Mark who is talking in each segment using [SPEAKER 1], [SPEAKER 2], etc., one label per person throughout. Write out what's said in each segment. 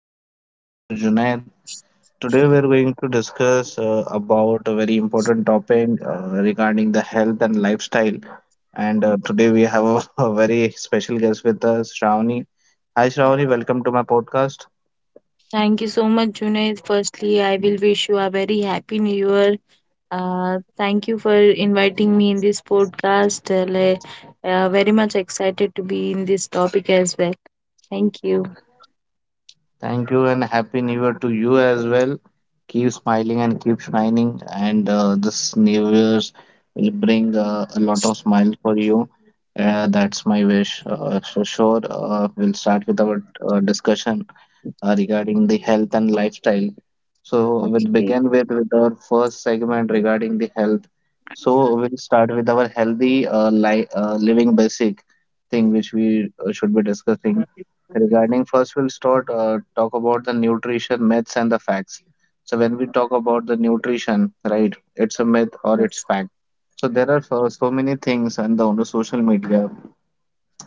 [SPEAKER 1] evening. This is your host Junaid. Today we are going to discuss about a very important topic regarding the health and lifestyle. And today we have a very special guest with us, Shravani. Hi Shravani, welcome to my podcast.
[SPEAKER 2] Thank you so much, Junaid. Firstly, I will wish you a very happy new year. Thank you for inviting me in this podcast. Very much excited to be in this topic as well. Thank you.
[SPEAKER 1] Thank you and happy new year to you as well. Keep smiling and keep shining. And this new year's will bring a lot of smile for you. That's my wish. So sure, we'll start with our discussion regarding the health and lifestyle. So we'll
[SPEAKER 2] Okay.
[SPEAKER 1] begin with our first segment regarding the health. So we'll start with our healthy living basic thing which we should be discussing. Regarding first, we'll start talk about the nutrition myths and the facts. So when we talk about the nutrition, right, it's a myth or it's
[SPEAKER 2] Yes.
[SPEAKER 1] fact. So there are so many things on the social media,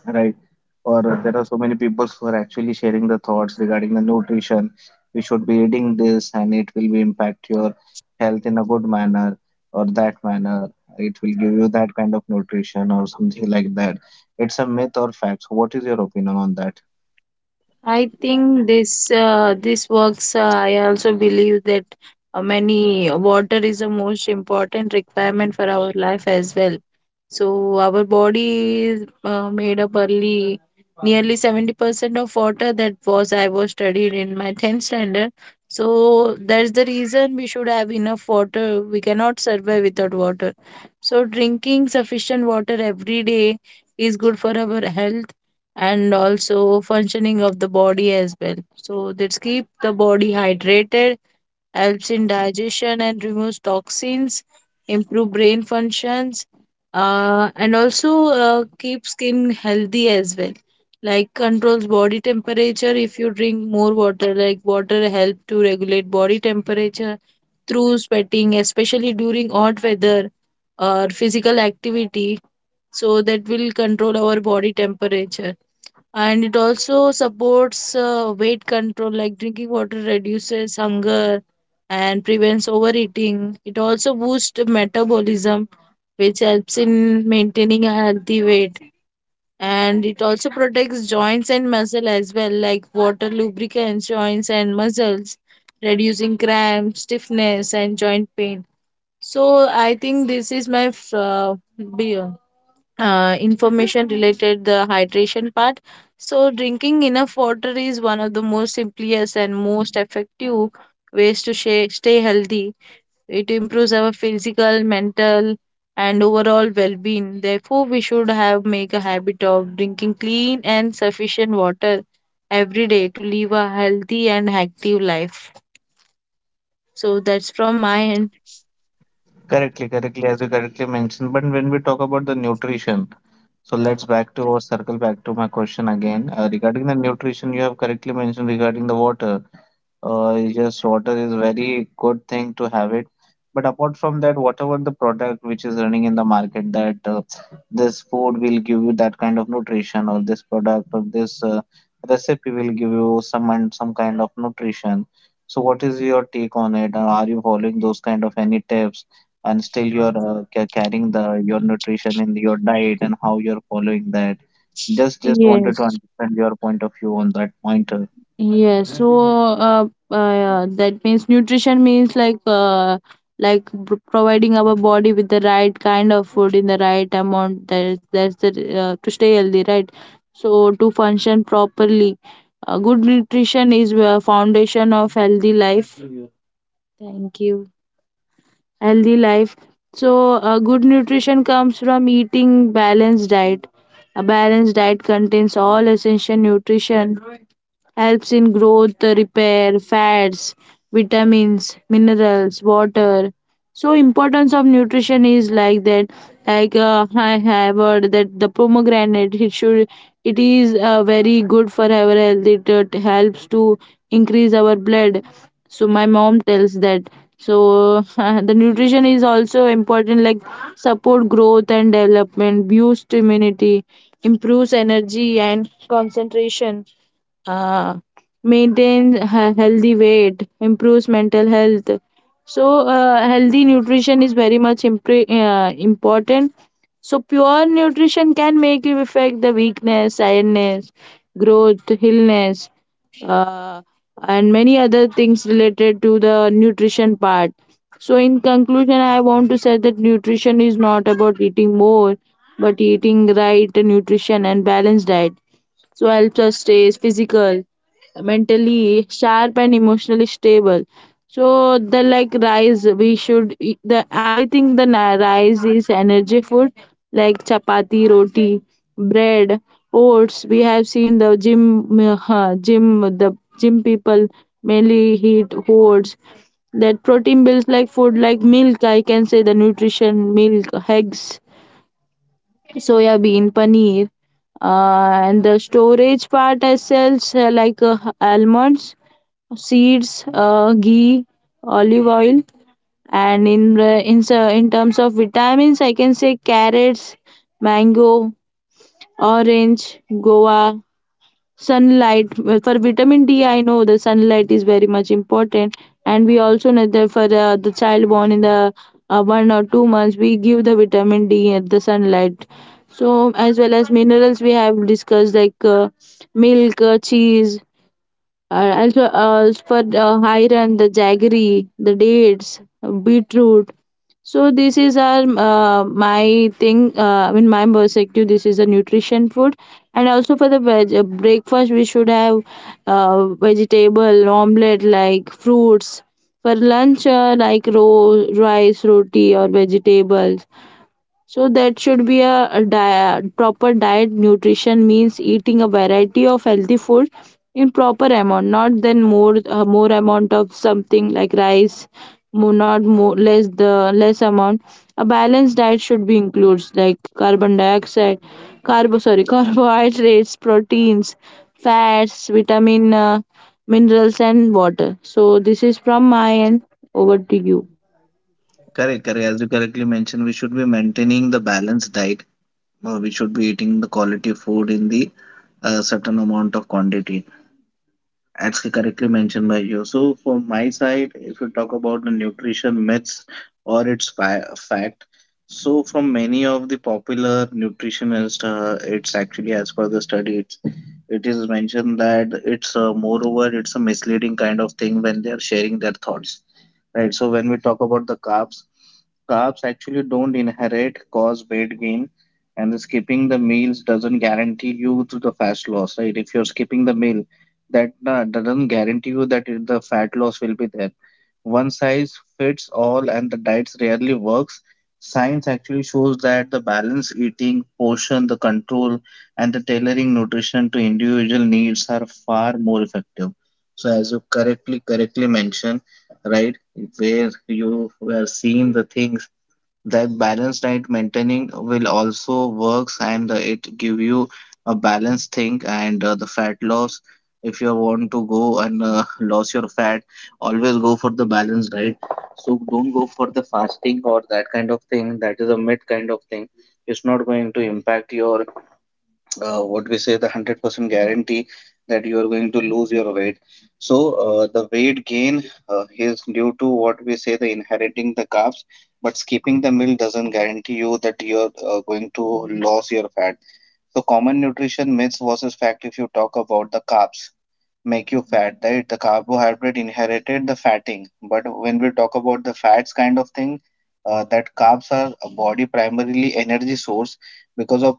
[SPEAKER 1] right? Or there are so many people who are actually sharing the thoughts regarding the nutrition. You should be eating this, and it will be impact your health in a good manner or that manner. It will give you that kind of nutrition or something like that. It's a myth or fact. So, what is your opinion on that?
[SPEAKER 2] I think this works. I also believe that many water is the most important requirement for our life as well. So our body is made up early, nearly 70% of water. That was I was studied in my 10th standard. So that's the reason we should have enough water. We cannot survive without water. So drinking sufficient water every day is good for our health and also functioning of the body as well. So this keep the body hydrated, helps in digestion and removes toxins, improve brain functions, and also keep skin healthy as well. Like controls body temperature if you drink more water. Like water help to regulate body temperature through sweating, especially during hot weather or physical activity. So that will control our body temperature, and it also supports weight control, like drinking water reduces hunger and prevents overeating. It also boosts metabolism, which helps in maintaining a healthy weight, and it also protects joints and muscle as well, like water lubricates joints and muscles, reducing cramps, stiffness and joint pain. So I think this is my uh, be- information related the hydration part. So drinking enough water is one of the most simplest and most effective ways to stay healthy. It improves our physical, mental and overall well-being. Therefore we should have make a habit of drinking clean and sufficient water every day to live a healthy and active life. So that's from my end.
[SPEAKER 1] Correctly, correctly, as you correctly mentioned. But when we talk about the nutrition, so let's back to or circle back to my question again regarding the nutrition. You have correctly mentioned regarding the water. Yes, water is very good thing to have it. But apart from that, whatever the product which is running in the market, that this food will give you that kind of nutrition, or this product or this recipe will give you some and some kind of nutrition. So, what is your take on it? Are you following those kind of any tips, and still you're carrying the your nutrition in your diet and how you're following that? Just wanted to
[SPEAKER 2] Yes.
[SPEAKER 1] understand your point of view on that point. Uh,
[SPEAKER 2] Yes, so yeah, that means nutrition means like providing our body with the right kind of food in the right amount. That's the to stay healthy, right? So to function properly, good nutrition is the foundation of healthy life. Thank you. Healthy life. So good nutrition comes from eating balanced diet. A balanced diet contains all essential nutrition, helps in growth, repair, fats, vitamins, minerals, water. So importance of nutrition is like that. Like I have heard that the pomegranate, it should, it is very good for our health. It, helps to increase our blood. So my mom tells that. So the nutrition is also important, like support growth and development, boost immunity, improves energy and concentration, uh, maintains a healthy weight, improves mental health. So, healthy nutrition is very much important. So, pure nutrition can make you affect the weakness, tiredness, growth, illness, uh, and many other things related to the nutrition part. So, in conclusion, I want to say that nutrition is not about eating more, but eating right nutrition and balanced diet, so helps us stay physical, mentally sharp, and emotionally stable. So the like rice we should eat- the I think rice is energy food, like chapati, roti, bread, oats. We have seen the gym people mainly eat oats, that protein builds like food, like milk, I can say the nutrition, milk, eggs, soya bean, paneer, and the storage part I sells like almonds, seeds, ghee, olive oil, and in the- in s- in terms of vitamins I can say carrots, mango, orange, guava, sunlight. Well, for vitamin d I know the sunlight is very much important, and we also know that for the child born in the 1 or 2 months we give the vitamin d at the sunlight. So as well as minerals we have discussed, like milk, cheese, also for iron, the jaggery, the dates, beetroot. So this is our my thing. In my perspective, this is a nutrition food, and also for the breakfast we should have vegetable omelette, like fruits. For lunch, like rice, roti, or vegetables. So that should be a proper diet. Nutrition means eating a variety of healthy food in proper amount, not then more, more amount of something like rice, more, not more, less, the less amount. A balanced diet should be includes, like carbon dioxide, carbo sorry carbohydrates, proteins, fats, vitamin, minerals and water. So this is from my end. Over to you.
[SPEAKER 1] correct, correct. As you correctly mentioned, we should be maintaining the balanced diet. We should be eating the quality food in the certain amount of quantity, as correctly mentioned by you. So, from my side, if you talk about the nutrition myths or its fact, so from many of the popular nutritionists, it's actually as per the study, it is mentioned that it's moreover, it's a misleading kind of thing when they are sharing their thoughts. Right. So when we talk about the carbs, carbs actually don't inherit cause weight gain, and skipping the meals doesn't guarantee you to the fat loss, right? If you're skipping the meal, that doesn't guarantee you that the fat loss will be there. One size fits all, and the diets rarely works. Science actually shows that the balance eating, portion, the control, and the tailoring nutrition to individual needs are far more effective. So, as you correctly mentioned, right, where you were seeing the things that balanced diet maintaining will also works and it give you a balanced thing and the fat loss. If you want to go and lose your fat, always go for the balanced diet. So don't go for the fasting or that kind of thing, that is a mid kind of thing. It's not going to impact your what we say the 100% guarantee that you are going to lose your weight. So the weight gain is due to what we say the inheriting the carbs, but skipping the meal doesn't guarantee you that you're going to lose your fat. So common nutrition myths versus fact, if you talk about the carbs make you fat, right? The carbohydrate inherited the fatting. But when we talk about the fats kind of thing, that carbs are a body primarily energy source, because of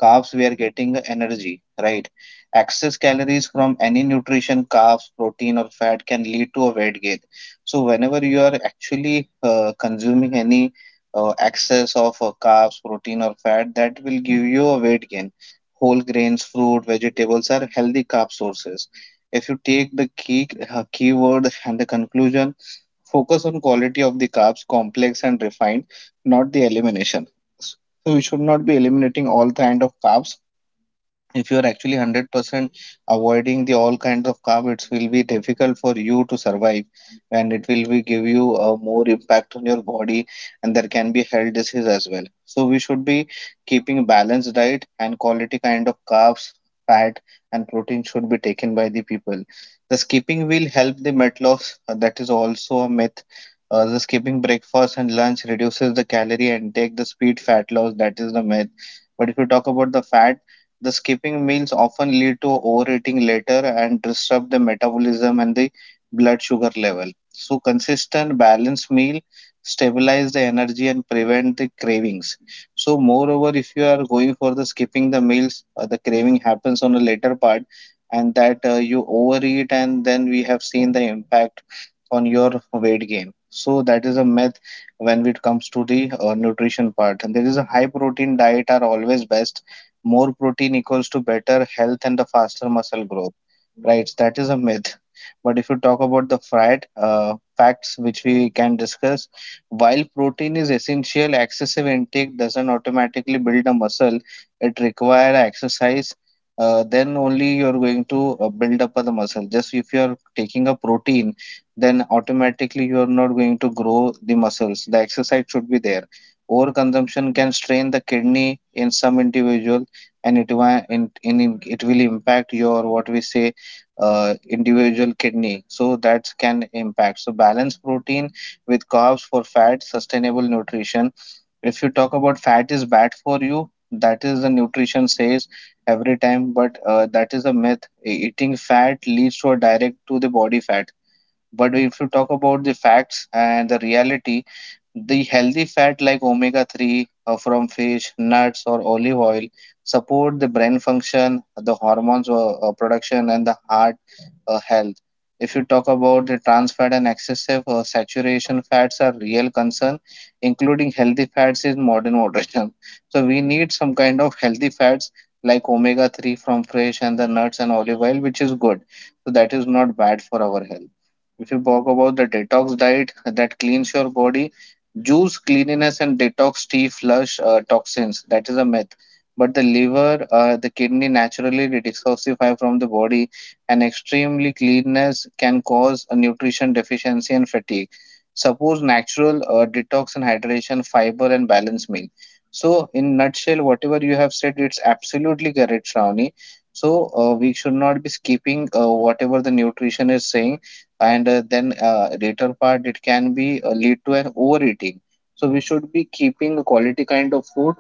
[SPEAKER 1] carbs we are getting energy, right? Excess calories from any nutrition, carbs, protein, or fat can lead to a weight gain. So whenever you are actually consuming any excess of carbs, protein, or fat, that will give you a weight gain. Whole grains, fruit, vegetables are healthy carb sources. If you take the keyword and the conclusion, focus on quality of the carbs, complex and refined, not the elimination. So we should not be eliminating all kind of carbs. If you are actually 100% avoiding the all kinds of carb, it will be difficult for you to survive, and it will be give you a more impact on your body, and there can be health disease as well. So we should be keeping balanced diet, and quality kind of carbs, fat, and protein should be taken by the people. The skipping will help the weight loss, that is also a myth. The skipping breakfast and lunch reduces the calorie and take the speed fat loss, that is the myth. But if you talk about the fat, the skipping meals often lead to overeating later and disrupt the metabolism and the blood sugar level. So, consistent balanced meal stabilize the energy and prevent the cravings. So, moreover, if you are going for the skipping the meals, the craving happens on a later part, and that you overeat, and then we have seen the impact on your weight gain. So, that is a myth when it comes to the nutrition part. And there is a high protein diet are always best, more protein equals to better health and the faster muscle growth, right? That is a myth. But if you talk about the fat facts which we can discuss, while protein is essential, excessive intake doesn't automatically build a muscle, it requires exercise. Then only you're going to build up the muscle. Just if you're taking a protein, then automatically you're not going to grow the muscles, the exercise should be there. Overconsumption can strain the kidney in some individual, and it will it will impact your what we say individual kidney, so that can impact. So balance protein with carbs for fat sustainable nutrition. If you talk about fat is bad for you, that is the nutrition says every time, but that is a myth. Eating fat leads to a direct to the body fat. But if you talk about the facts and the reality, the healthy fat like omega 3 from fish, nuts, or olive oil support the brain function, the hormones production, and the heart health. If you talk about the trans fat and excessive saturation fats are real concern, including healthy fats in modern moderation. So we need some kind of healthy fats like omega 3 from fish and the nuts and olive oil, which is good. So that is not bad for our health. If you talk about the detox diet that cleans your body, juice cleanliness and detox tea flush toxins. That is a myth. But the liver, the kidney naturally detoxify from the body, and extremely cleanness can cause a nutrition deficiency and fatigue. Suppose natural detox and hydration, fiber and balanced meal. So, in nutshell, whatever you have said, it's absolutely correct, Shravani. So, we should not be skipping whatever the nutrition is saying, and then later part it can be lead to an overeating. So we should be keeping a quality kind of food,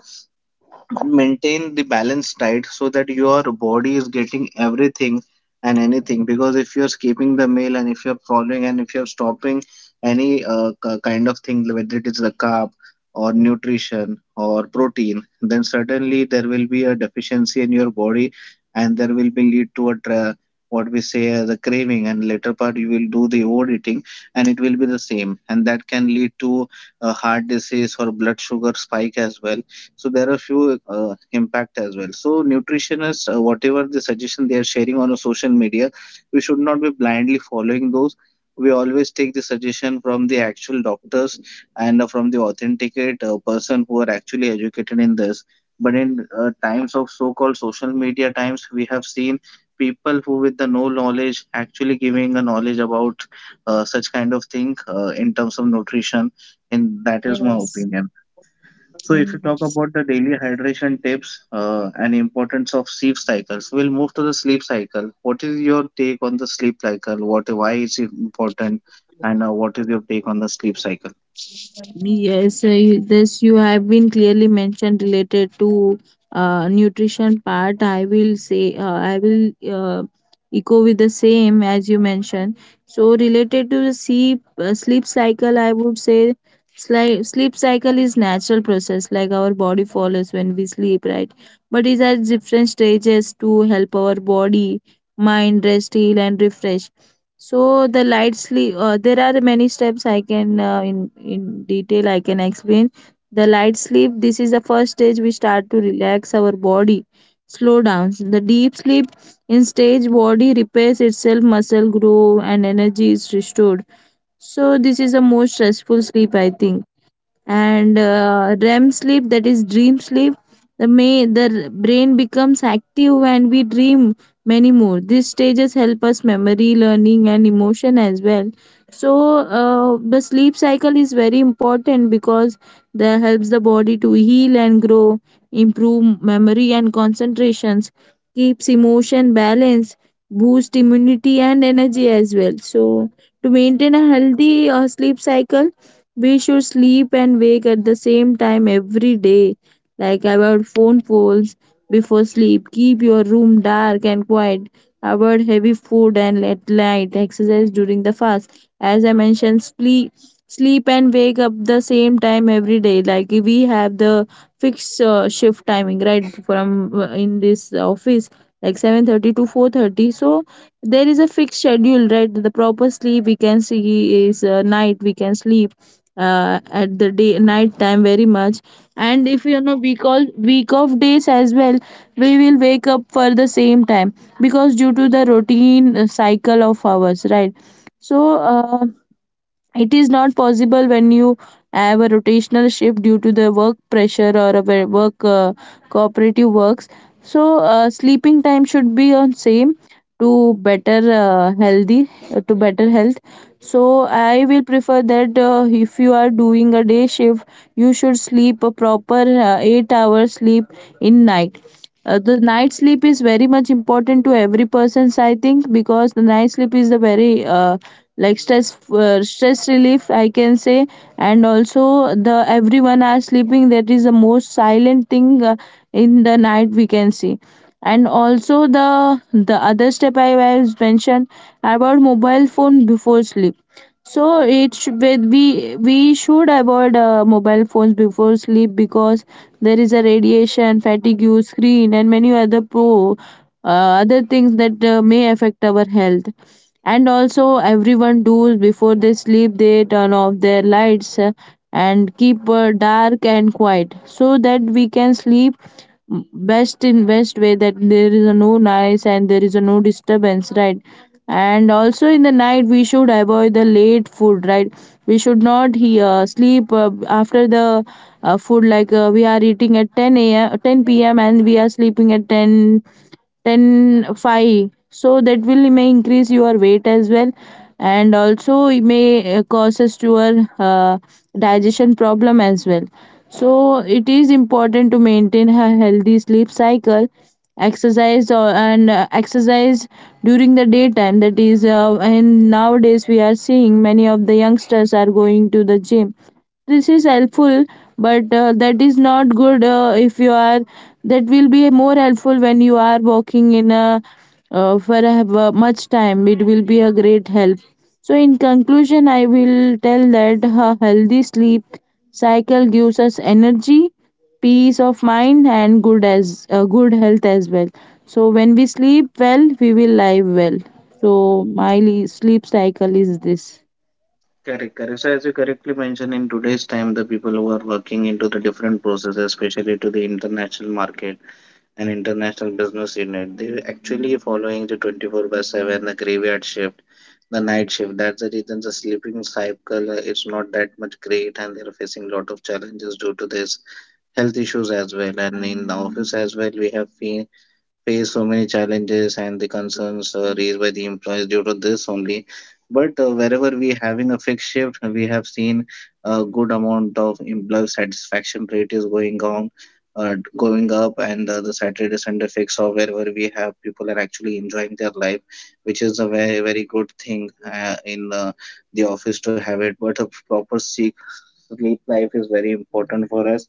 [SPEAKER 1] maintain the balance diet so that your body is getting everything and anything. Because if you're skipping the meal and if you're following and if you're stopping any kind of thing, whether it is the carb or nutrition or protein, then certainly there will be a deficiency in your body, and there will be lead to a what we say as a craving, and later part you will do the overeating, and it will be the same, and that can lead to a heart disease or blood sugar spike as well. So there are few impact as well. So nutritionists, whatever the suggestion they are sharing on a social media, we should not be blindly following those. We always take the suggestion from the actual doctors and from the authenticate person who are actually educated in this. But in times of so-called social media times, we have seen people who with the no knowledge actually giving a knowledge about such kind of thing in terms of nutrition, and that is my
[SPEAKER 2] Yes.
[SPEAKER 1] opinion. So if you talk about the daily hydration tips and importance of sleep cycles, we'll move to the sleep cycle. What is your take on the sleep cycle? What, why is it important? And what is your take on the sleep cycle?
[SPEAKER 2] Yes, you- this you have been clearly mentioned related to nutrition part. I will say I will echo with the same as you mentioned. So related to the sleep cycle, I would say sleep cycle is natural process, like our body follows when we sleep, right? But it has different stages to help our body, mind rest, heal, and refresh. So the light sleep, there are many steps I can in detail I can explain. The light sleep. This is the first stage we start to relax our body, slow down. The deep sleep in stage body repairs itself, muscle grow, and energy is restored. So this is the most stressful sleep I think, and REM sleep that is dream sleep, the brain becomes active and we dream many more. These stages help us memory, learning and emotion as well. So the sleep cycle is very important because that helps the body to heal and grow, improve memory and concentrations, keeps emotion balanced, boost immunity and energy as well. So to maintain a healthy sleep cycle, we should sleep and wake at the same time every day, like avoid phone calls before sleep, keep your room dark and quiet, avoid heavy food and at night exercise during the fast. As I mentioned, sleep and wake up the same time every day, like we have the fixed shift timing, right, from in this office, like 7:30 to 4:30, so there is a fixed schedule, right. The proper sleep we can see is night we can sleep at the day night time very much, and if you know week all week of days as well, we will wake up for the same time because due to the routine cycle of ours, right. So it is not possible when you have a rotational shift due to the work pressure or a work cooperative works. So sleeping time should be on same to better healthy to better health. So I will prefer that if you are doing a day shift, you should sleep a proper 8 hours sleep in night. The night sleep is very much important to every person's I think because the night sleep is the very like stress relief I can say. And also the everyone are sleeping, that is the most silent thing, in the night we can see. And also the other step I was mentioned about mobile phone before sleep. So it should be we should avoid mobile phones before sleep because there is a radiation fatigue screen and many other pro other things that may affect our health. And also everyone does before they sleep they turn off their lights, and keep dark and quiet so that we can sleep best in best way, that there is a no noise and there is a no disturbance, right. And also in the night we should avoid the late food, right. We should not sleep after the food, like we are eating at 10 a.m 10 p.m and we are sleeping at 10 10 5, so that will may increase your weight as well, and also it may causes to your digestion problem as well. So it is important to maintain a healthy sleep cycle. Exercise or, and exercise during the daytime, that is and nowadays we are seeing many of the youngsters are going to the gym. This is helpful, but that is not good if you are, that will be more helpful when you are walking in a for a, much time, it will be a great help. So in conclusion I will tell that a healthy sleep cycle gives us energy, peace of mind and good, as good health as well. So when we sleep well we will live well. So my sleep cycle is this.
[SPEAKER 1] Correct, correct. So as you correctly mentioned, in today's time, the people who are working into the different processes, especially to the international market and international business unit, they're actually following the 24 by 7, the graveyard shift, the night shift. That's the reason the sleeping cycle is not that much great, and they're facing a lot of challenges due to this, health issues as well. And in the office as well, we have fe face so many challenges and the concerns raised by the employees due to this only. But wherever we having a fixed shift, we have seen a good amount of employee satisfaction rate is going on, going up, and the Saturday Sunday fix or wherever we have, people are actually enjoying their life, which is a very very good thing in the office to have it. But a proper sick sleep life is very important for us.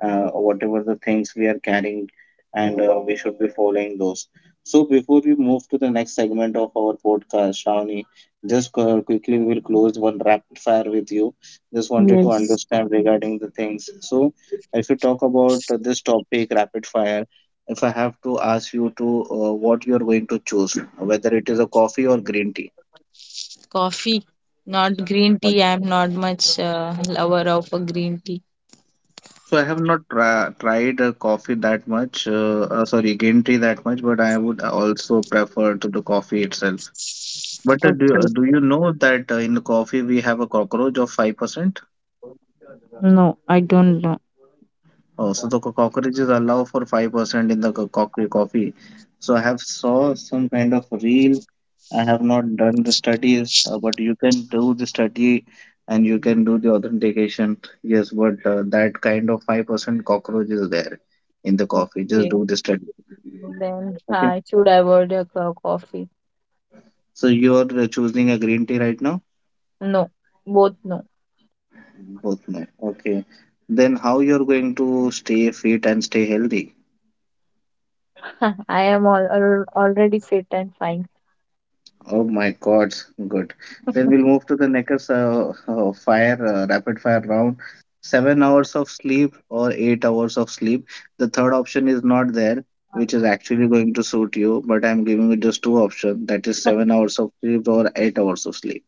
[SPEAKER 1] Whatever the things we are carrying, and we should be following those. So before we move to the next segment of our podcast, Shravani, just quickly we will close one rapid fire with you. Just wanted to
[SPEAKER 2] Yes.
[SPEAKER 1] understand regarding the things. So if you talk about this topic, rapid fire. If I have to ask you to what you are going to choose, whether it is a coffee or green tea.
[SPEAKER 2] Coffee, not green tea. I'm not much lover of a green tea.
[SPEAKER 1] So I have not tra tried coffee that much, sorry, green tea that much, but I would also prefer to the coffee itself. But
[SPEAKER 2] Okay.
[SPEAKER 1] do you know that in the coffee we have a cockroach of 5%?
[SPEAKER 2] No, I don't know.
[SPEAKER 1] Oh, so the cockroaches allow for 5% in the coffee coffee. So I have saw some kind of reel. I have not done the studies, but you can do the study and you can do the authentication. Yes, but that kind of 5% cockroach is there in the coffee. Just
[SPEAKER 2] Okay,
[SPEAKER 1] do the study.
[SPEAKER 2] then
[SPEAKER 1] Okay.
[SPEAKER 2] I should avoid a coffee.
[SPEAKER 1] So you are choosing a green tea right now?
[SPEAKER 2] No, both no.
[SPEAKER 1] Both no. Okay. Then how you're going to stay fit and stay healthy?
[SPEAKER 2] I am all, al already fit and fine.
[SPEAKER 1] Oh my God. Good. Then we'll move to the next fire rapid fire round. 7 hours of sleep or 8 hours of sleep. The third option is not there, which is actually going to suit you, but I'm giving you just two options. That is 7 hours of sleep or 8 hours of sleep.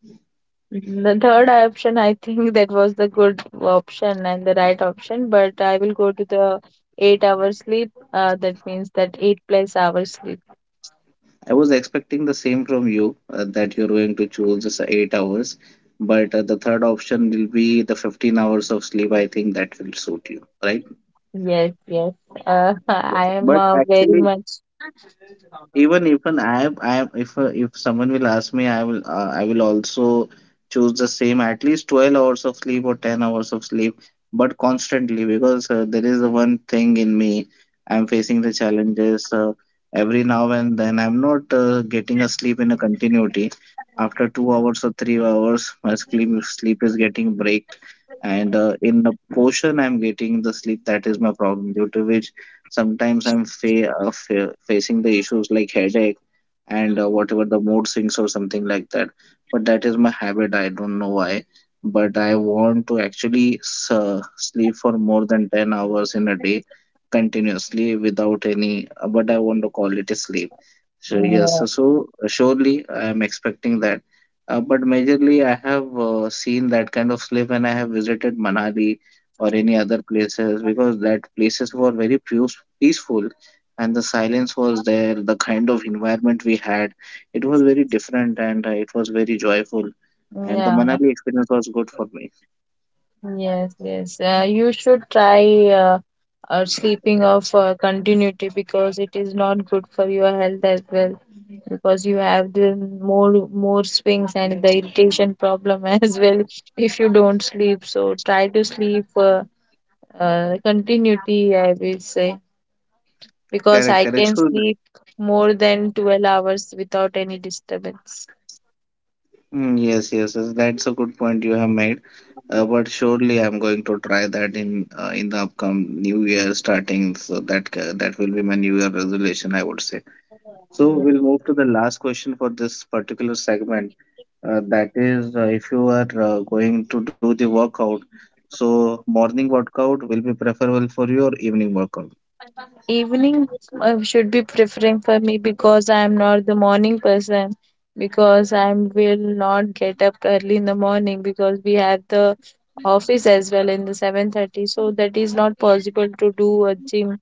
[SPEAKER 2] The third option, I think, that was the good option and the right option, but I will go to the 8 hour sleep. That means that eight plus hours sleep.
[SPEAKER 1] I was expecting the same from you that you're going to choose just 8 hours, but the third option will be the 15 hours of sleep. I think that will suit you, right?
[SPEAKER 2] Yes, yes. I am
[SPEAKER 1] But
[SPEAKER 2] very
[SPEAKER 1] actually,
[SPEAKER 2] much.
[SPEAKER 1] even I am if someone will ask me, I will also choose the same at least 12 hours of sleep or 10 hours of sleep, but constantly because there is one thing in me. I'm facing the challenges every now and then. I'm not getting a sleep in a continuity. After 2 hours or 3 hours, my sleep is getting breaked, and in a portion, I'm getting the sleep. That is my problem. Due to which sometimes I'm facing the issues like headache and whatever the mood swings or something like that. But that is my habit. I don't know why. But I want to actually sleep for more than 10 hours in a day continuously without any, but I want to call it a sleep. So, yes,
[SPEAKER 2] Uh,
[SPEAKER 1] surely I am expecting that. But majorly, I have seen that kind of sleep when I have visited Manali or any other places, because that places were very few peaceful, and the silence was there. The kind of environment we had, it was very different, and it was very joyful. And the
[SPEAKER 2] yeah,
[SPEAKER 1] Manali experience was good for me.
[SPEAKER 2] yes, yes. You should try sleeping of continuity because it is not good for your health as well. Because you have the more swings and the irritation problem as well if you don't sleep. So try to sleep continuity, I will say, because I
[SPEAKER 1] Correct, correct.
[SPEAKER 2] can sleep more than 12 hours without any disturbance.
[SPEAKER 1] Mm, yes yes yes, that's a good point you have made. But surely I'm going to try that in the upcoming new year starting. So that that will be my new year resolution, I would say. So we'll move to the last question for this particular segment. If you are going to do the workout, so morning workout will be preferable for your evening workout.
[SPEAKER 2] Evening should be preferring for me because I am not the morning person. Because I will not get up early in the morning because we have the office as well in the 7:30. So that is not possible to do a gym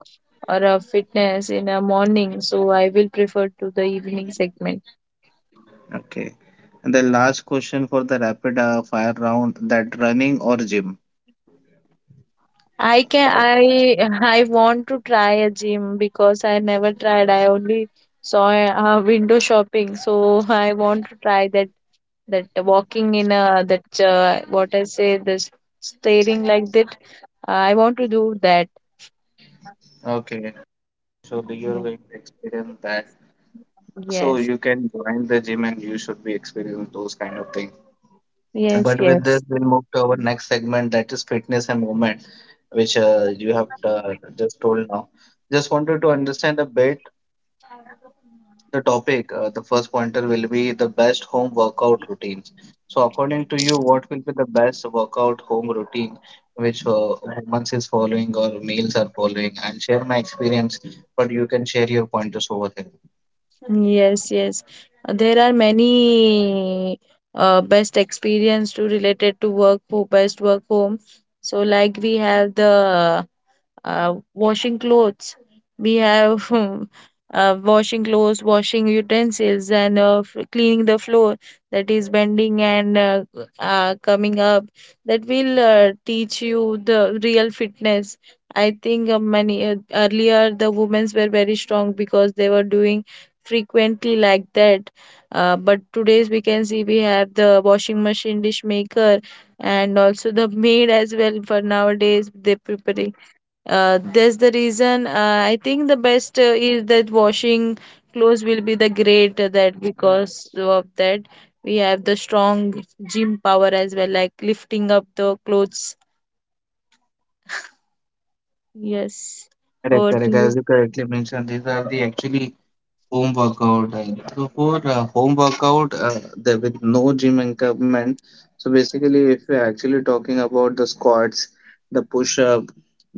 [SPEAKER 2] or a fitness in a morning. So I will prefer to the evening segment.
[SPEAKER 1] Okay. And the last question for the rapid fire round, that running or gym?
[SPEAKER 2] I can I I want to try a gym because I never tried. I only saw a, window shopping, so I want to try that walking in a that what I say this staring like that. I want to do that.
[SPEAKER 1] Okay. Surely
[SPEAKER 2] Yeah.
[SPEAKER 1] you're going to experience that. So
[SPEAKER 2] Yes,
[SPEAKER 1] you can join the gym and you should be experiencing those kind of things.
[SPEAKER 2] yes,
[SPEAKER 1] But with this,
[SPEAKER 2] yes,
[SPEAKER 1] we'll move to our next segment, that is fitness and movement, which you have just told now. Just wanted to understand a bit the topic. The first pointer will be the best home workout routines. So, according to you, what will be the best workout home routine which humans is following or males are following? And share my experience, but you can share your pointers over here.
[SPEAKER 2] yes, yes. There are many best experience to related to work for best work home. So like we have the washing clothes. We have washing clothes, washing utensils, and cleaning the floor that is bending and coming up. That will teach you the real fitness. I think many earlier the women's were very strong because they were doing frequently like that. But today's we can see we have the washing machine, dish maker, and also the maid as well. For nowadays, they prepare that's the reason I think the best is that washing clothes will be the great that because of that we have the strong gym power as well, like lifting up the clothes. Yes.
[SPEAKER 1] Correct,
[SPEAKER 2] Over to
[SPEAKER 1] correct. As
[SPEAKER 2] you.
[SPEAKER 1] you correctly mentioned, these are the actually home workout. And so for home workout, there with no gym equipment. So basically, if we're actually talking about the squats, the push up,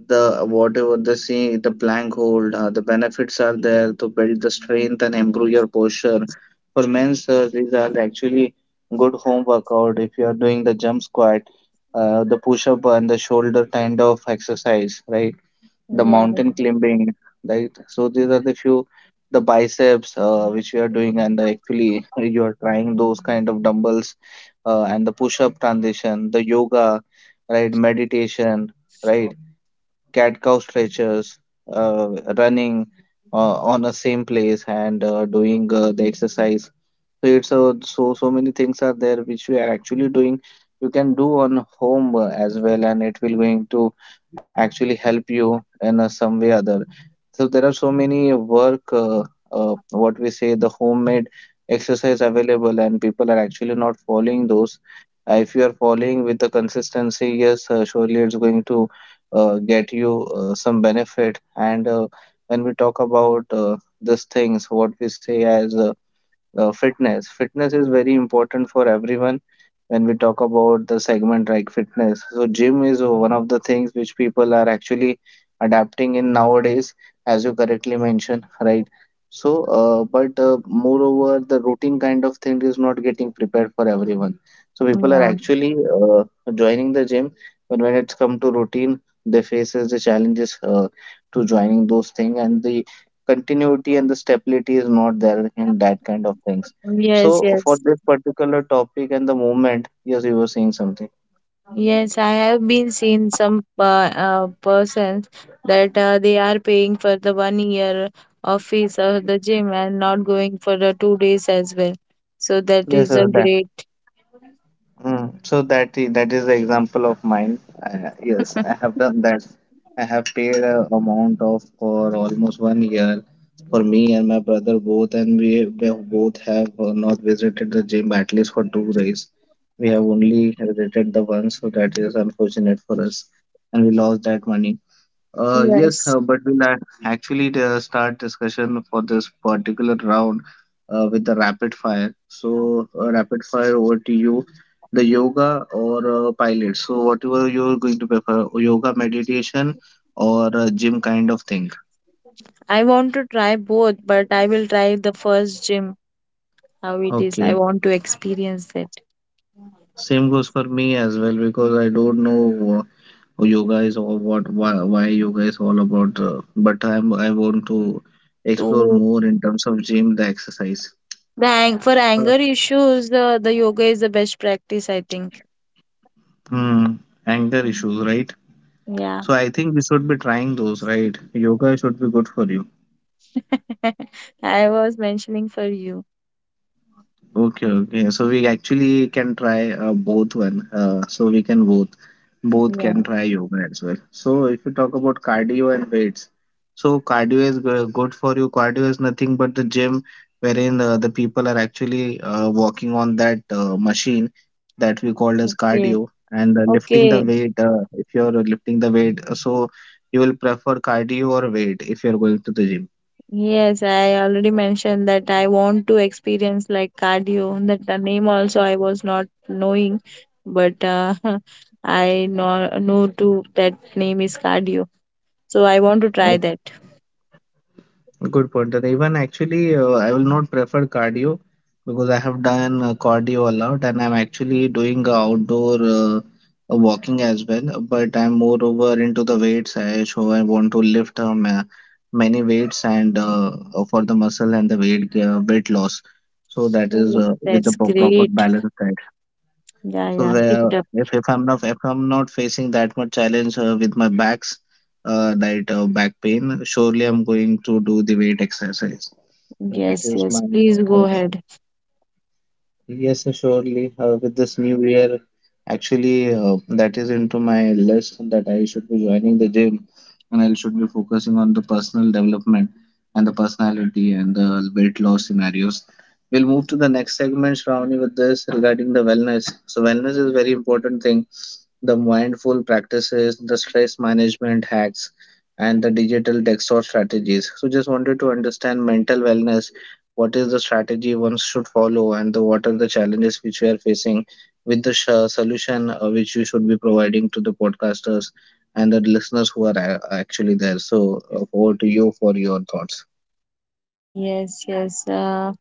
[SPEAKER 1] the whatever the see, the plank hold, the benefits are there to build the strength and improve your posture. For men, sir, these are actually good home workout. If you are doing the jump squat, the push up and the shoulder kind of exercise, right? The
[SPEAKER 2] Yeah.
[SPEAKER 1] mountain climbing, right? So these are the few, the biceps which you are doing, and actually you are trying those kind of dumbbells, and the push-up transition, the yoga, right? Meditation, right? Cat cow stretches, uh, running on the same place and doing the exercise. So it's so many things are there which we are actually doing. You can do on home as well, and it will going to actually help you in some way or other. So there are so many what we say, the homemade exercise available, and people are actually not following those. If you are following with the consistency, yes, surely it's going to get you some benefit. And when we talk about these things, what we say as fitness. Fitness is very important for everyone when we talk about the segment like fitness. So gym is one of the things which people are actually adapting in nowadays, as you correctly mentioned, right? So, but Moreover, the routine kind of thing is not getting prepared for everyone. So people are
[SPEAKER 2] Yeah.
[SPEAKER 1] actually joining the gym, but when it's come to routine, they faces the challenges to joining those things, and the continuity and the stability is not there in that kind of things.
[SPEAKER 2] Yes,
[SPEAKER 1] So for
[SPEAKER 2] yes.
[SPEAKER 1] this particular topic and the movement, yes, you were saying something.
[SPEAKER 2] Yes, I have been seen some persons that they are paying for the one year of fees of the gym and not going for the 2 days as well. So that
[SPEAKER 1] Yes,
[SPEAKER 2] is a
[SPEAKER 1] sir, that.
[SPEAKER 2] great.
[SPEAKER 1] Mm. So that is the example of mine. Yes, I have done that. I have paid a amount of for almost 1 year for me and my brother both, and we both have not visited the gym at least for 2 days. We have only visited the one, so that is unfortunate for us, and we lost that money. Yes,
[SPEAKER 2] Yes.
[SPEAKER 1] but we'll actually start discussion for this particular round with the rapid fire. So, rapid fire over to you, the yoga or pilot. So, whatever you're going to prefer, yoga, meditation, or gym kind of thing.
[SPEAKER 2] I want to try both, but I will try the first gym, how it is. I
[SPEAKER 1] Okay,
[SPEAKER 2] want to experience that.
[SPEAKER 1] same goes for me as well because I don't know yoga is all what why yoga is all about. But I want to explore
[SPEAKER 2] To
[SPEAKER 1] more in terms of gym, the exercise.
[SPEAKER 2] the ang for anger issues, the yoga is the best practice, I think.
[SPEAKER 1] Hmm, anger
[SPEAKER 2] Mm.
[SPEAKER 1] issues, right?
[SPEAKER 2] Yeah.
[SPEAKER 1] So I think we should be trying those, right? Yoga should be good for you.
[SPEAKER 2] I was mentioning for you.
[SPEAKER 1] Okay, okay. So we actually can try both one. So we can both
[SPEAKER 2] Yeah.
[SPEAKER 1] can try yoga as well. So if you talk about cardio and weights, so cardio is good for you. Cardio is nothing but the gym wherein the people are actually walking on that machine that we call as cardio,
[SPEAKER 2] Okay.
[SPEAKER 1] and lifting the
[SPEAKER 2] Okay.
[SPEAKER 1] weight. If you're lifting the weight, so you will prefer cardio or weight if you're going to the gym.
[SPEAKER 2] Yes, I already mentioned that I want to experience like cardio. That the name also I was not knowing, but I know to that name is cardio. So I want to try that.
[SPEAKER 1] Good point. And even actually, I will not prefer cardio because I have done cardio a lot, and I'm actually doing outdoor walking as well. But I'm moreover into the weights, so I want to lift many weights, and for the muscle and the weight loss. So that is
[SPEAKER 2] Oh,
[SPEAKER 1] with the
[SPEAKER 2] that's
[SPEAKER 1] proper
[SPEAKER 2] great.
[SPEAKER 1] balance, right?
[SPEAKER 2] Yeah,
[SPEAKER 1] So
[SPEAKER 2] yeah. Keep
[SPEAKER 1] where
[SPEAKER 2] it up.
[SPEAKER 1] if I'm not facing that much challenge with my backs, that back pain, surely I'm going to do the weight exercise. So that
[SPEAKER 2] Yes,
[SPEAKER 1] is
[SPEAKER 2] yes.
[SPEAKER 1] my
[SPEAKER 2] Please go
[SPEAKER 1] uh,
[SPEAKER 2] ahead.
[SPEAKER 1] yes, surely with this new year, actually that is into my list that I should be joining the gym, and I should be focusing on the personal development and the personality and the weight loss scenarios. We'll move to the next segment, Shravani, with this regarding the wellness. So wellness is very important thing, the mindful practices, the stress management hacks, and the digital desktop strategies. So, just wanted to understand mental wellness. What is the strategy one should follow, and what are the challenges which we are facing with the solution which you should be providing to the podcasters and the listeners who are actually there. So, over to you for your thoughts.
[SPEAKER 2] Yes, yes.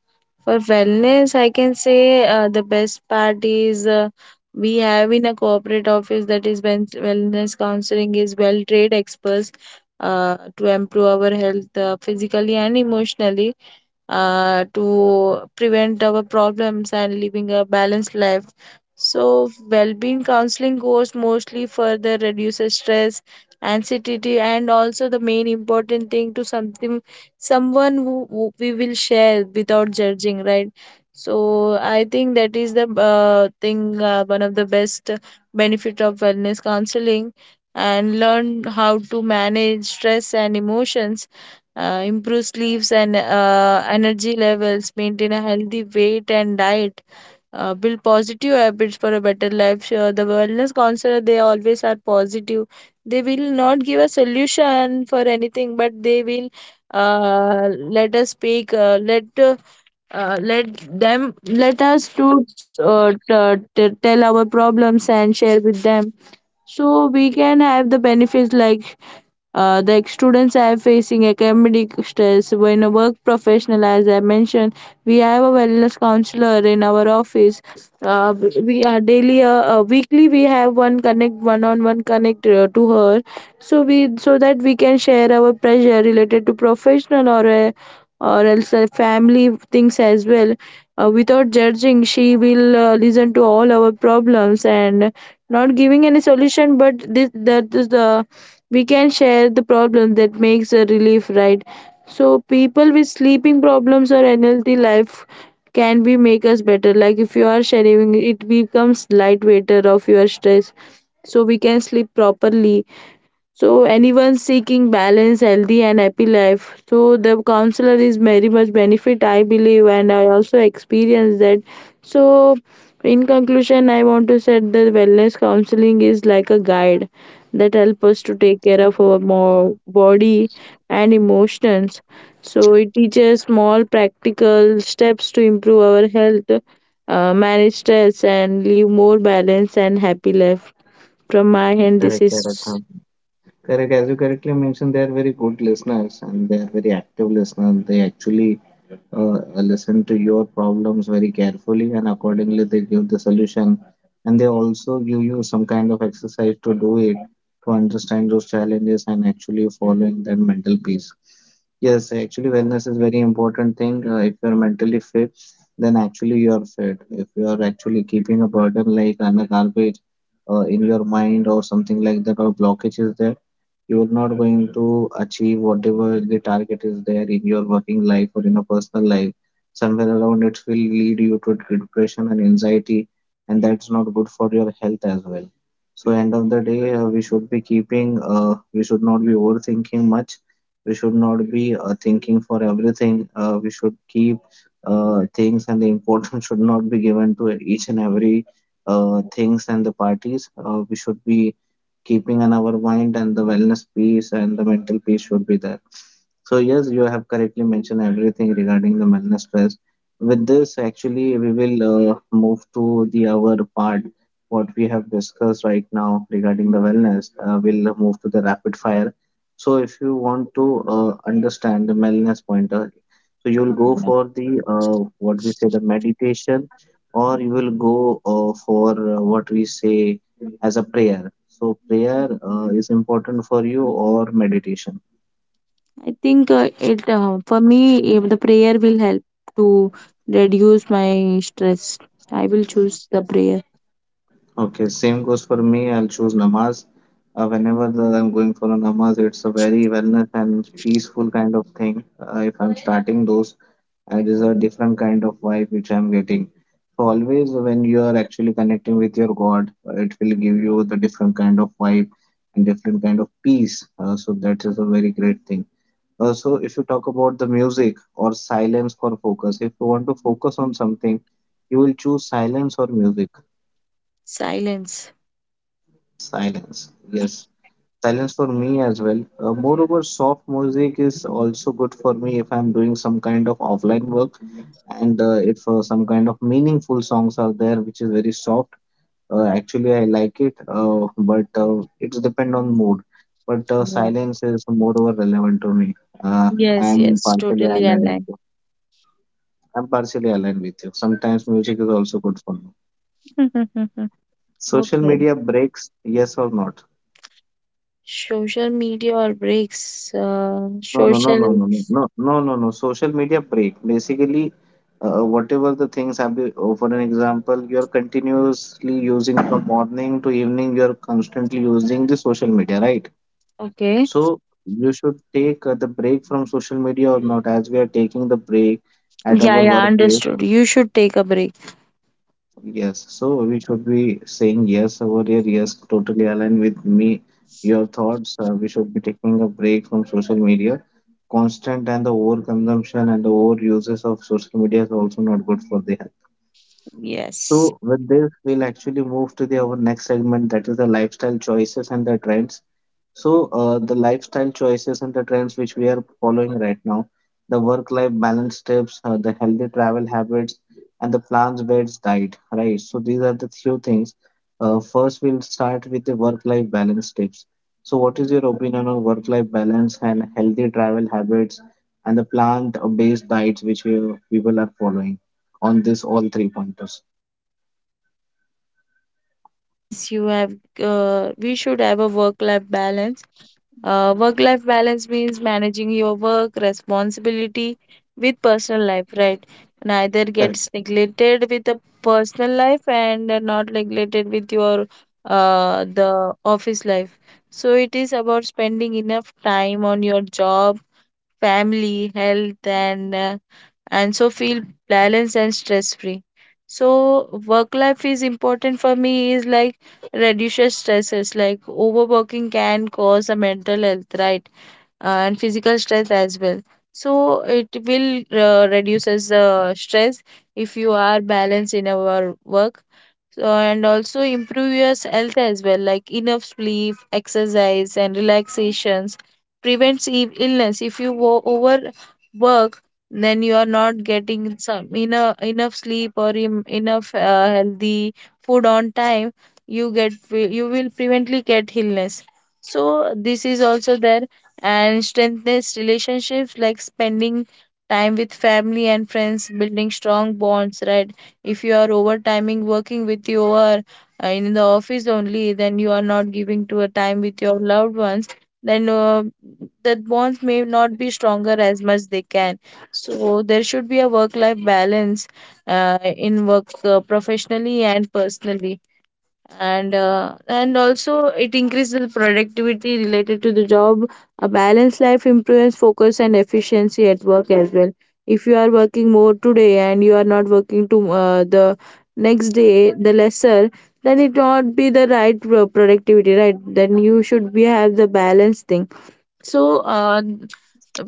[SPEAKER 2] For wellness, I can say the best part is we have in a corporate office that is when wellness counseling is well trained experts to improve our health physically and emotionally to prevent our problems and living a balanced life. So, well being counseling goes mostly further reduces stress, anxiety, and also the main important thing to something someone who we will share without judging, right? So, I think that is the thing, one of the best benefit of wellness counseling and learn how to manage stress and emotions improve sleeps and energy levels, maintain a healthy weight and diet, build positive habits for a better life. Sure, the wellness counselor they always are positive. They will not give a solution for anything, but they will let us speak. Let them let us to tell our problems and share with them so we can have the benefits like the students are facing academic stress when a work professional, as I mentioned, we have a wellness counselor in our office. Uh, we are daily, weekly, we have one connect, one-on-one connect to her, so that we can share our pressure related to professional or a, or else family things as well. Without judging, she will listen to all our problems and not giving any solution, but this that is the we can share the problem that makes a relief, right? So people with sleeping problems or unhealthy life can be make us better, like if you are sharing it becomes light weighter of your stress, so we can sleep properly. So anyone seeking balance, healthy and happy life. So the counselor is very much benefit, I believe, and I also experience that. So in conclusion I want to say that wellness counseling is like a guide that help us to take care of our body and emotions. So it teaches small practical steps to improve our health, manage stress and live more balanced and happy life. From my end this
[SPEAKER 1] Correct, correct.
[SPEAKER 2] is
[SPEAKER 1] Huh. Correct. As you correctly mentioned, they are very good listeners and they are very active listeners. They actually uh, listen to your problems very carefully and accordingly they give the solution, and they also give you some kind of exercise to do it, to understand those challenges and actually following that mental peace. Yes, actually, wellness is very important thing. If you're mentally fit, then actually you're fit. If you are actually keeping a burden like an a garbage in your mind or something like that, or blockage is there, you are not going to achieve whatever the target is there in your working life or in a personal life. Somewhere around it will lead you to depression and anxiety, and that's not good for your health as well. So, end of the day, we should not be overthinking much. We should not be thinking for everything. Uh, we should keep things, and the importance should not be given to each and every things and the parties. Uh, we should be keeping in our mind, and the wellness piece and the mental piece should be there. So yes, you have correctly mentioned everything regarding the wellness stress. With this actually we will move to the our part what we have discussed right now regarding the wellness. Uh, we'll move to the rapid fire. So if you want to understand the mindfulness pointer, so you'll go for the what we say the meditation, or you will go for what we say as a prayer. So prayer is important for you, or meditation?
[SPEAKER 2] I think it for me the prayer will help to reduce my stress. I will choose the prayer.
[SPEAKER 1] Okay, same goes for me. I'll choose namaz. Whenever that I'm going for a namaz, it's a very wellness and peaceful kind of thing. If I'm starting those, and is a different kind of vibe which I'm getting. So always when you are actually connecting with your God, it will give you the different kind of vibe and different kind of peace. So that is a very great thing. Also, if you talk about the music or silence for focus, if you want to focus on something, you will choose silence or music.
[SPEAKER 2] Silence.
[SPEAKER 1] Silence, yes. Silence for me as well. Moreover, soft music is also good for me if I'm doing some kind of offline work, and if some kind of meaningful songs are there, which is very soft. Actually, I like it, but it's depend on mood. But
[SPEAKER 2] Yeah.
[SPEAKER 1] silence is moreover relevant to me. Uh,
[SPEAKER 2] Yes,
[SPEAKER 1] I'm
[SPEAKER 2] yes,
[SPEAKER 1] partially
[SPEAKER 2] totally
[SPEAKER 1] aligned with
[SPEAKER 2] aligned.
[SPEAKER 1] you. I'm partially aligned with you. Sometimes music is also good for me. Social
[SPEAKER 2] Okay.
[SPEAKER 1] media breaks, yes or not?
[SPEAKER 2] Social media or breaks?
[SPEAKER 1] No, no, no, no,
[SPEAKER 2] Social.
[SPEAKER 1] no, no, no, no, no. No. Social media break. Basically, whatever the things have been, oh, for an example, you're continuously using from morning to evening, you're constantly using the social media, right?
[SPEAKER 2] Okay.
[SPEAKER 1] So you should take the break from social media or not, as we are taking the break at our
[SPEAKER 2] Yeah, yeah,
[SPEAKER 1] workplace.
[SPEAKER 2] understood. You should take a break.
[SPEAKER 1] Yes, so we should be saying yes over here. Yes, totally align with me. Your thoughts. We should be taking a break from social media. Constant and the overconsumption and the overuses of social media is also not good for the.
[SPEAKER 2] Yes.
[SPEAKER 1] So, with this, we'll actually move to our next segment, that is the lifestyle choices and the trends. So, the lifestyle choices and the trends which we are following right now, the work-life balance tips, the healthy travel habits, and the plant based diet, right? So, these are the few things. First, we'll start with the work-life balance tips. So, what is your opinion on work-life balance and healthy travel habits and the plant-based diets which we, people are following, on this all three pointers?
[SPEAKER 2] Yes, you have. We should have a work-life balance. Work-life balance means managing your work responsibility with personal life, right? Neither
[SPEAKER 1] Correct,
[SPEAKER 2] gets neglected with the personal life and not neglected with your the office life. So it is about spending enough time on your job family, health, and so feel balanced and stress free. So work life is important for me is like reduces stresses like overworking can cause a mental health, right? And physical stress as well. So it will reduces the stress if you are balanced in our work. So, and also improve your health as well, like enough sleep, exercise, and relaxations prevents illness. If you overwork, then you are not getting some enough sleep or enough healthy food on time. You will prevently get illness. So this is also there and strengthens relationships like spending time with family and friends, building strong bonds, right? If you are overtiming working with your in the office only, then you are not giving to a time with your loved ones. Then that bonds may not be stronger as much they can. So there should be a work-life balance in work professionally and personally and also it increases the productivity related to the job. A balanced life improves focus and efficiency at work as well. If you are working more today and you are not working to the next day the lesser, then it not be the right productivity, right? Then you should be have the balanced thing. So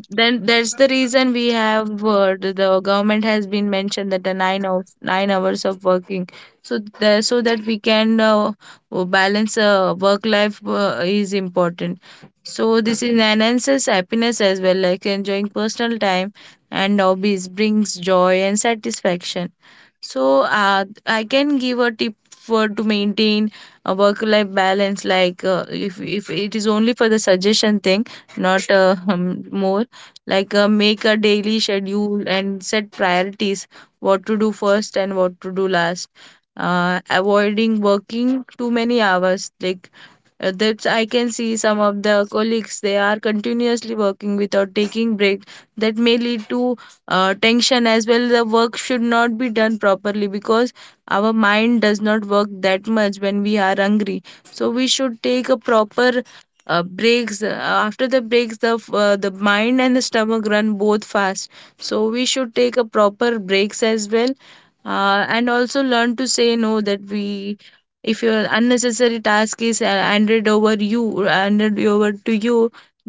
[SPEAKER 2] then that's the reason we have the government has been mentioned that the nine of 9 hours of working. So that we can balance work life is important. So this enhances happiness as well, like enjoying personal time and hobbies brings joy and satisfaction. So I can give a tip for to maintain a work life balance, like if it is only for the suggestion thing, not more. Like make a daily schedule and set priorities what to do first and what to do last. Avoiding working too many hours. Like that's I can see some of the colleagues they are continuously working without taking break. That may lead to tension as well. The work should not be done properly because our mind does not work that much when we are hungry, so we should take a proper breaks after the breaks the mind and the stomach run both fast, so we should take a proper breaks as well. And also learn to say no that we, if your unnecessary task is handed over, you handed over to you,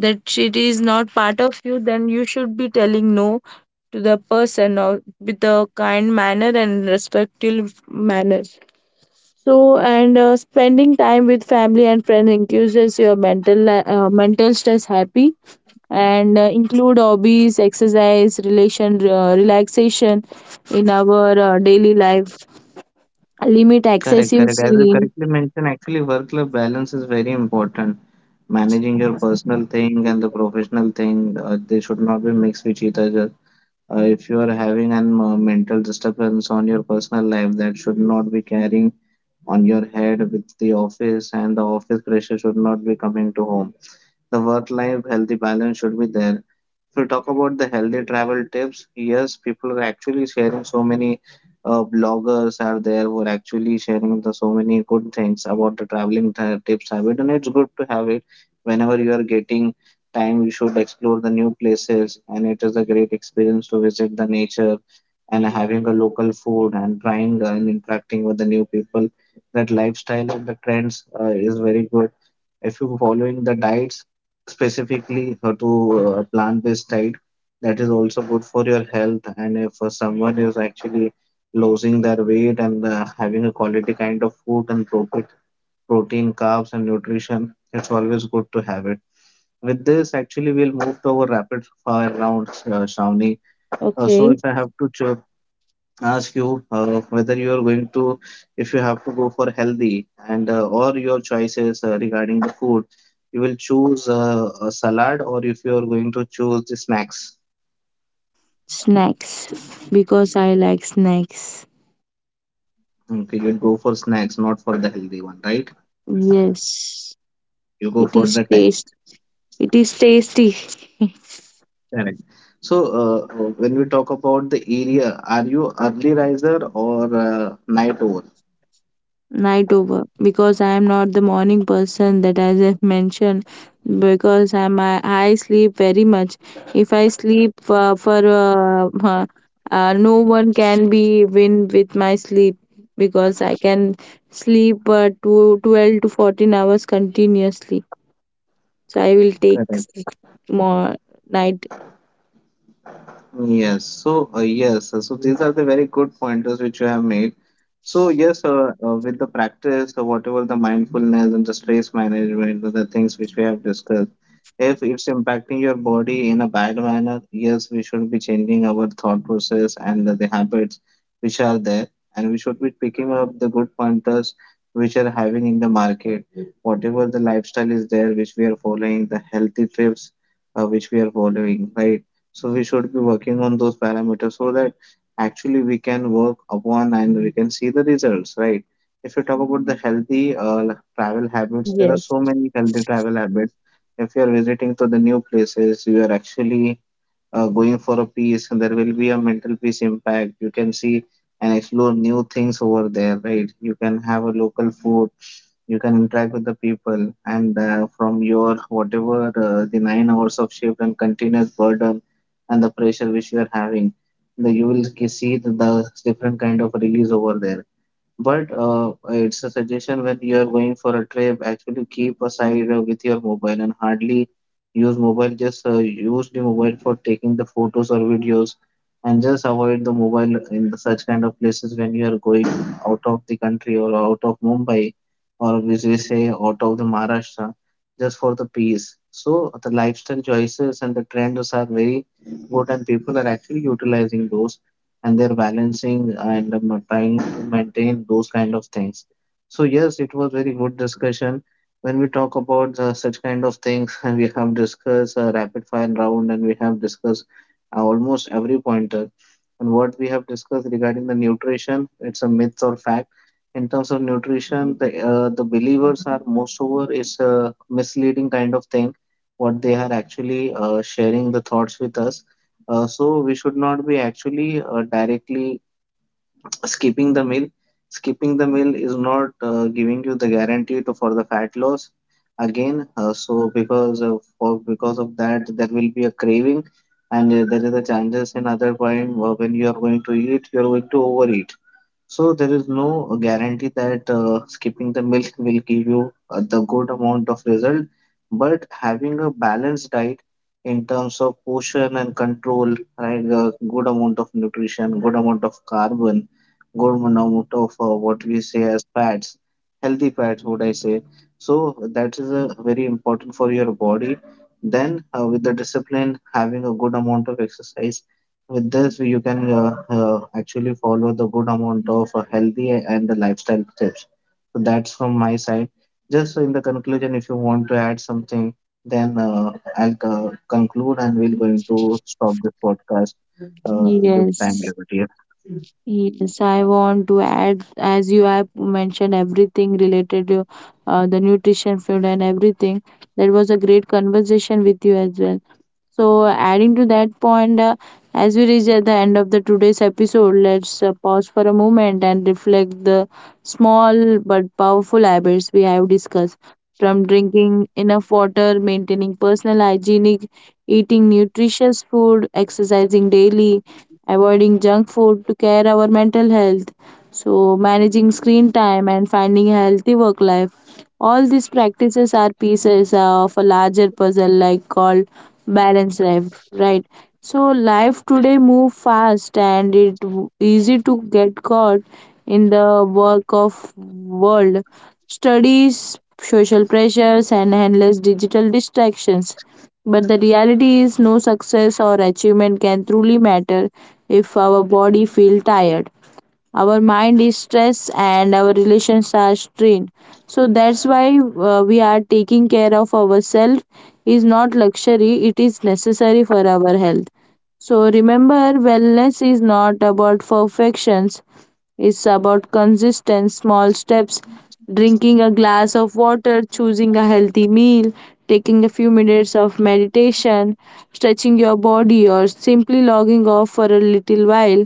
[SPEAKER 2] that it is not part of you, then you should be telling no to the person or with a kind manner and respectful manner. So, and spending time with family and friends increases your mental mental stress happy and include hobbies, exercise, relation, relaxation in our daily life. Limit
[SPEAKER 1] correct,
[SPEAKER 2] excessive
[SPEAKER 1] correct. As you
[SPEAKER 2] screen.
[SPEAKER 1] correctly mentioned, actually, work life balance is very important. Managing your personal thing and the professional thing, they should not be mixed with each other. If you are having an mental disturbance on your personal life, that should not be carrying on your head with the office, and the office pressure should not be coming to home. The work life healthy balance should be there. If we talk about the healthy travel tips, yes, people are actually sharing so many bloggers are there who are actually sharing the so many good things about the traveling tips habit, and it's good to have it whenever you are getting time. You should explore the new places, and it is a great experience to visit the nature and having a local food and trying and interacting with the new people. That lifestyle and the trends is very good. If you're following the diets, specifically how to plant-based diet, that is also good for your health. And if someone is actually losing their weight and having a quality kind of food and protein, carbs and nutrition, it's always good to have it. With this actually we'll move to our rapid fire rounds, Shravani.
[SPEAKER 2] Okay.
[SPEAKER 1] So if I have to ask you whether you are going to, if you have to go for healthy and or your choices regarding the food, you will choose a salad, or if you are going to choose the snacks.
[SPEAKER 2] Snacks because I like snacks.
[SPEAKER 1] Okay, you'll go for snacks, not for the healthy one, right?
[SPEAKER 2] Yes,
[SPEAKER 1] You go
[SPEAKER 2] it
[SPEAKER 1] for
[SPEAKER 2] is
[SPEAKER 1] the taste.
[SPEAKER 2] taste. It is tasty.
[SPEAKER 1] Correct. So when we talk about the area, are you early riser or night owl?
[SPEAKER 2] Night over because I am not the morning person, that as I've mentioned because I sleep very much. If I sleep for no one can be win with my sleep because I can sleep 12 to 14 hours continuously. So I will take
[SPEAKER 1] Correct.
[SPEAKER 2] more night.
[SPEAKER 1] Yes, so so these are the very good pointers which you have made. So yes, with the practice, whatever the mindfulness and the stress management, the things which we have discussed, if it's impacting your body in a bad manner, yes, we should be changing our thought process and the habits which are there, and we should be picking up the good pointers which are having in the market. Whatever the lifestyle is there, which we are following, the healthy trips which we are following, right? So we should be working on those parameters so that actually we can work upon and we can see the results, right? If you talk about the healthy travel habits, there are
[SPEAKER 2] Yes.
[SPEAKER 1] so many healthy travel habits. If you are visiting to the new places, you are actually going for a peace, and there will be a mental peace impact you can see, and explore new things over there, right? You can have a local food, you can interact with the people, and from your whatever the 9 hours of shift and continuous burden and the pressure which you are having, you will see the different kind of release over there. But it's a suggestion, when you are going for a trip, actually keep aside with your mobile and hardly use mobile. Just use the mobile for taking the photos or videos, and just avoid the mobile in the such kind of places when you are going out of the country or out of Mumbai, or which we say out of the Maharashtra, just for the peace. So the lifestyle choices and the trends are very good, and people are actually utilizing those, and they're balancing and trying to maintain those kind of things. So yes, it was very good discussion. When we talk about such kind of things, we have discussed a rapid fire round, and we have discussed almost every pointer. And what we have discussed regarding the nutrition, it's a myth or fact. In terms of nutrition, the believers are most over is a misleading kind of thing. What they are actually sharing the thoughts with us, so we should not be actually directly skipping the meal. Skipping the meal is not giving you the guarantee to, for the fat loss again. So because of that, there will be a craving, and there is a chances in other point when you are going to eat, you are going to overeat. So there is no guarantee that skipping the milk will give you the good amount of result, but having a balanced diet in terms of portion and control, right? A good amount of nutrition, good amount of carbon, good amount of what we say as fats, healthy fats, would I say? So that is very important for your body. Then with the discipline, having a good amount of exercise with this, you can actually follow the good amount of healthy and the lifestyle tips. So that's from my side. Just in the conclusion, if you want to add something, then I'll conclude and we're going to stop this podcast due to time
[SPEAKER 2] Yes.
[SPEAKER 1] limit.
[SPEAKER 2] Yes, I want to add, as you have mentioned everything related to the nutrition, food, and everything. That was a great conversation with you as well. So, adding to that point, as we reach at the end of the today's episode, let's pause for a moment and reflect the small but powerful habits we have discussed. From drinking enough water, maintaining personal hygienic, eating nutritious food, exercising daily, avoiding junk food to care our mental health. So, managing screen time and finding a healthy work life. All these practices are pieces of a larger puzzle, like called balance life, right? So life today move fast and easy to get caught in the work of world, studies, social pressures, and endless digital distractions. But the reality is no success or achievement can truly matter if our body feel tired, our mind is stressed, and our relations are strained. So that's why we are taking care of ourselves is not luxury, it is necessary for our health. So remember, wellness is not about perfection. It's about consistent small steps, drinking a glass of water, choosing a healthy meal, taking a few minutes of meditation, stretching your body, or simply logging off for a little while.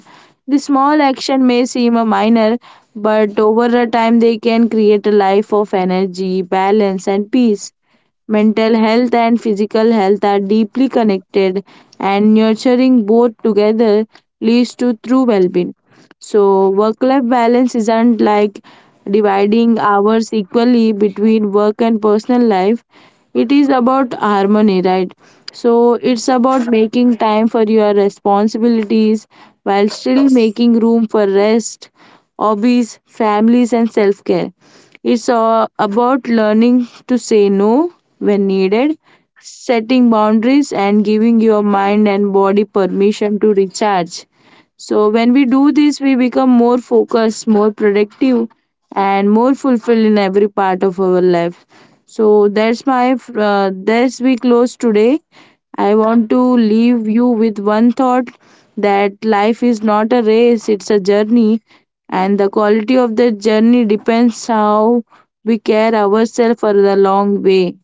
[SPEAKER 2] The small action may seem a minor, but over a time they can create a life of energy, balance, and peace. Mental health and physical health are deeply connected, and nurturing both together leads to true well being. So, work life balance isn't like dividing hours equally between work and personal life, it is about harmony, right? So, it's about making time for your responsibilities while still making room for rest, hobbies, families, and self care. It's about learning to say no when needed, setting boundaries, and giving your mind and body permission to recharge. So, when we do this, we become more focused, more productive, and more fulfilled in every part of our life. So, that's my, that's we close today. I want to leave you with one thought that life is not a race, it's a journey and the quality of the journey depends how we care ourselves for the long way.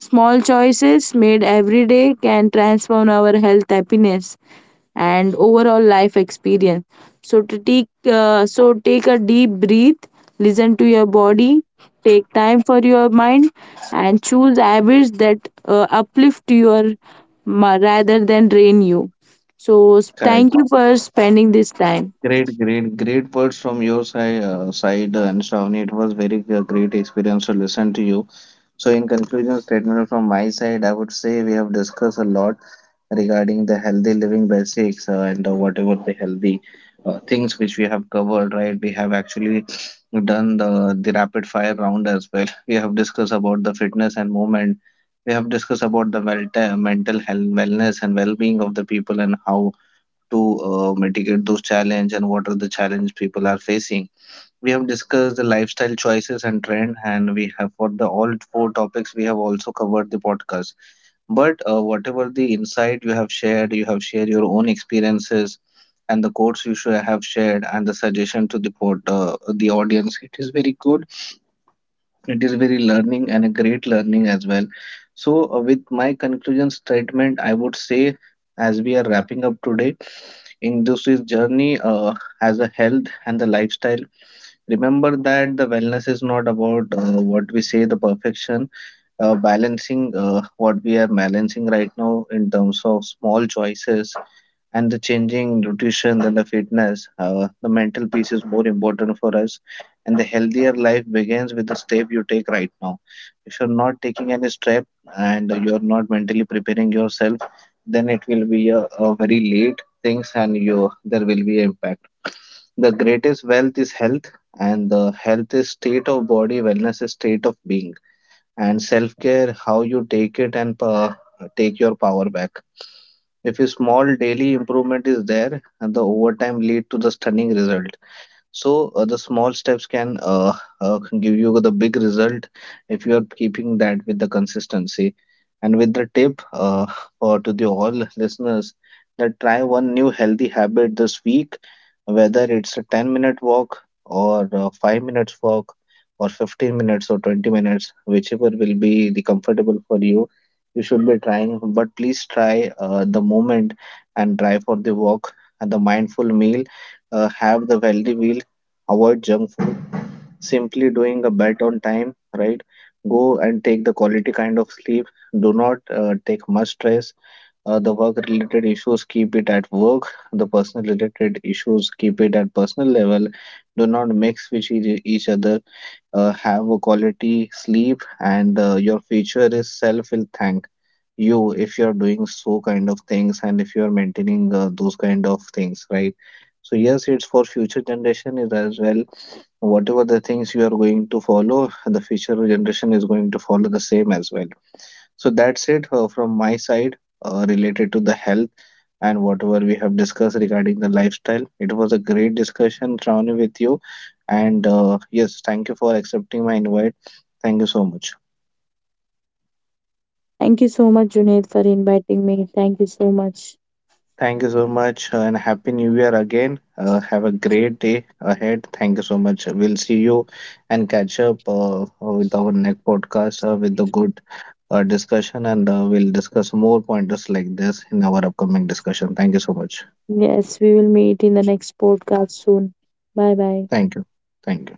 [SPEAKER 2] Small choices made every day can transform our health, happiness, and overall life experience. So take a deep breath, listen to your body, take time for your mind, and choose habits that uplift your rather than drain you. So
[SPEAKER 1] Yeah.
[SPEAKER 2] thank you for spending this time.
[SPEAKER 1] Great, great, great words from your side, and Shravani. It was very great experience to listen to you. So, in conclusion, statement from my side, I would say we have discussed a lot regarding the healthy living basics and whatever the healthy things which we have covered. Right, we have actually done the rapid fire round as well. We have discussed about the fitness and movement. We have discussed about the well mental health, wellness, and well being of the people and how to mitigate those challenges and what are the challenges people are facing. We have discussed the lifestyle choices and trend, and we have for the all four topics we have also covered the podcast. But whatever the insight you have shared your own experiences and the quotes you should have shared and the suggestion to the the audience. It is very good. It is very learning and a great learning as well. So, with my conclusion statement, I would say as we are wrapping up today in this journey as a health and the lifestyle, remember that the wellness is not about what we say the perfection, balancing what we are balancing right now in terms of small choices and the changing nutrition and the fitness, the mental piece is more important for us. And the healthier life begins with the step you take right now. If you're not taking any step and you're not mentally preparing yourself, then it will be a very late things and you there will be impact. The greatest wealth is health, and the health is state of body, wellness is state of being, and self care how you take it, and take your power back. If a small daily improvement is there, and the overtime lead to the stunning result. So the small steps can give you the big result if you are keeping that with the consistency. And with the tip for to the all listeners, that try one new healthy habit this week, whether it's a 10-minute walk or a 5 minutes walk or 15 minutes or 20 minutes, whichever will be the comfortable for you, you should be trying. But please try the moment and try for the walk and the mindful meal, have the healthy meal, avoid junk food, simply doing a bed on time, right? Go and take the quality kind of sleep. Do not take much stress. The work related issues, keep it at work. The personal related issues, keep it at personal level. Do not mix with each other. Have a quality sleep, and your future is self will thank you if you are doing so kind of things and if you are maintaining those kind of things, right? So yes, it's for future generation is as well, whatever the things you are going to follow, the future generation is going to follow the same as well. So that's it from my side, related to the health and whatever we have discussed regarding the lifestyle. It was a great discussion, Shravani, with you, and yes, thank you for accepting my invite. Thank you so much.
[SPEAKER 2] Thank you so much, Junaid, for inviting me. Thank you so much.
[SPEAKER 1] Thank you so much and Happy New Year again. Have a great day ahead. Thank you so much. We'll see you and catch up with our next podcast with the good discussion, and we'll discuss more pointers like this in our upcoming discussion. Thank you so much.
[SPEAKER 2] Yes, we will meet in the next podcast soon. Bye bye.
[SPEAKER 1] Thank you. Thank you.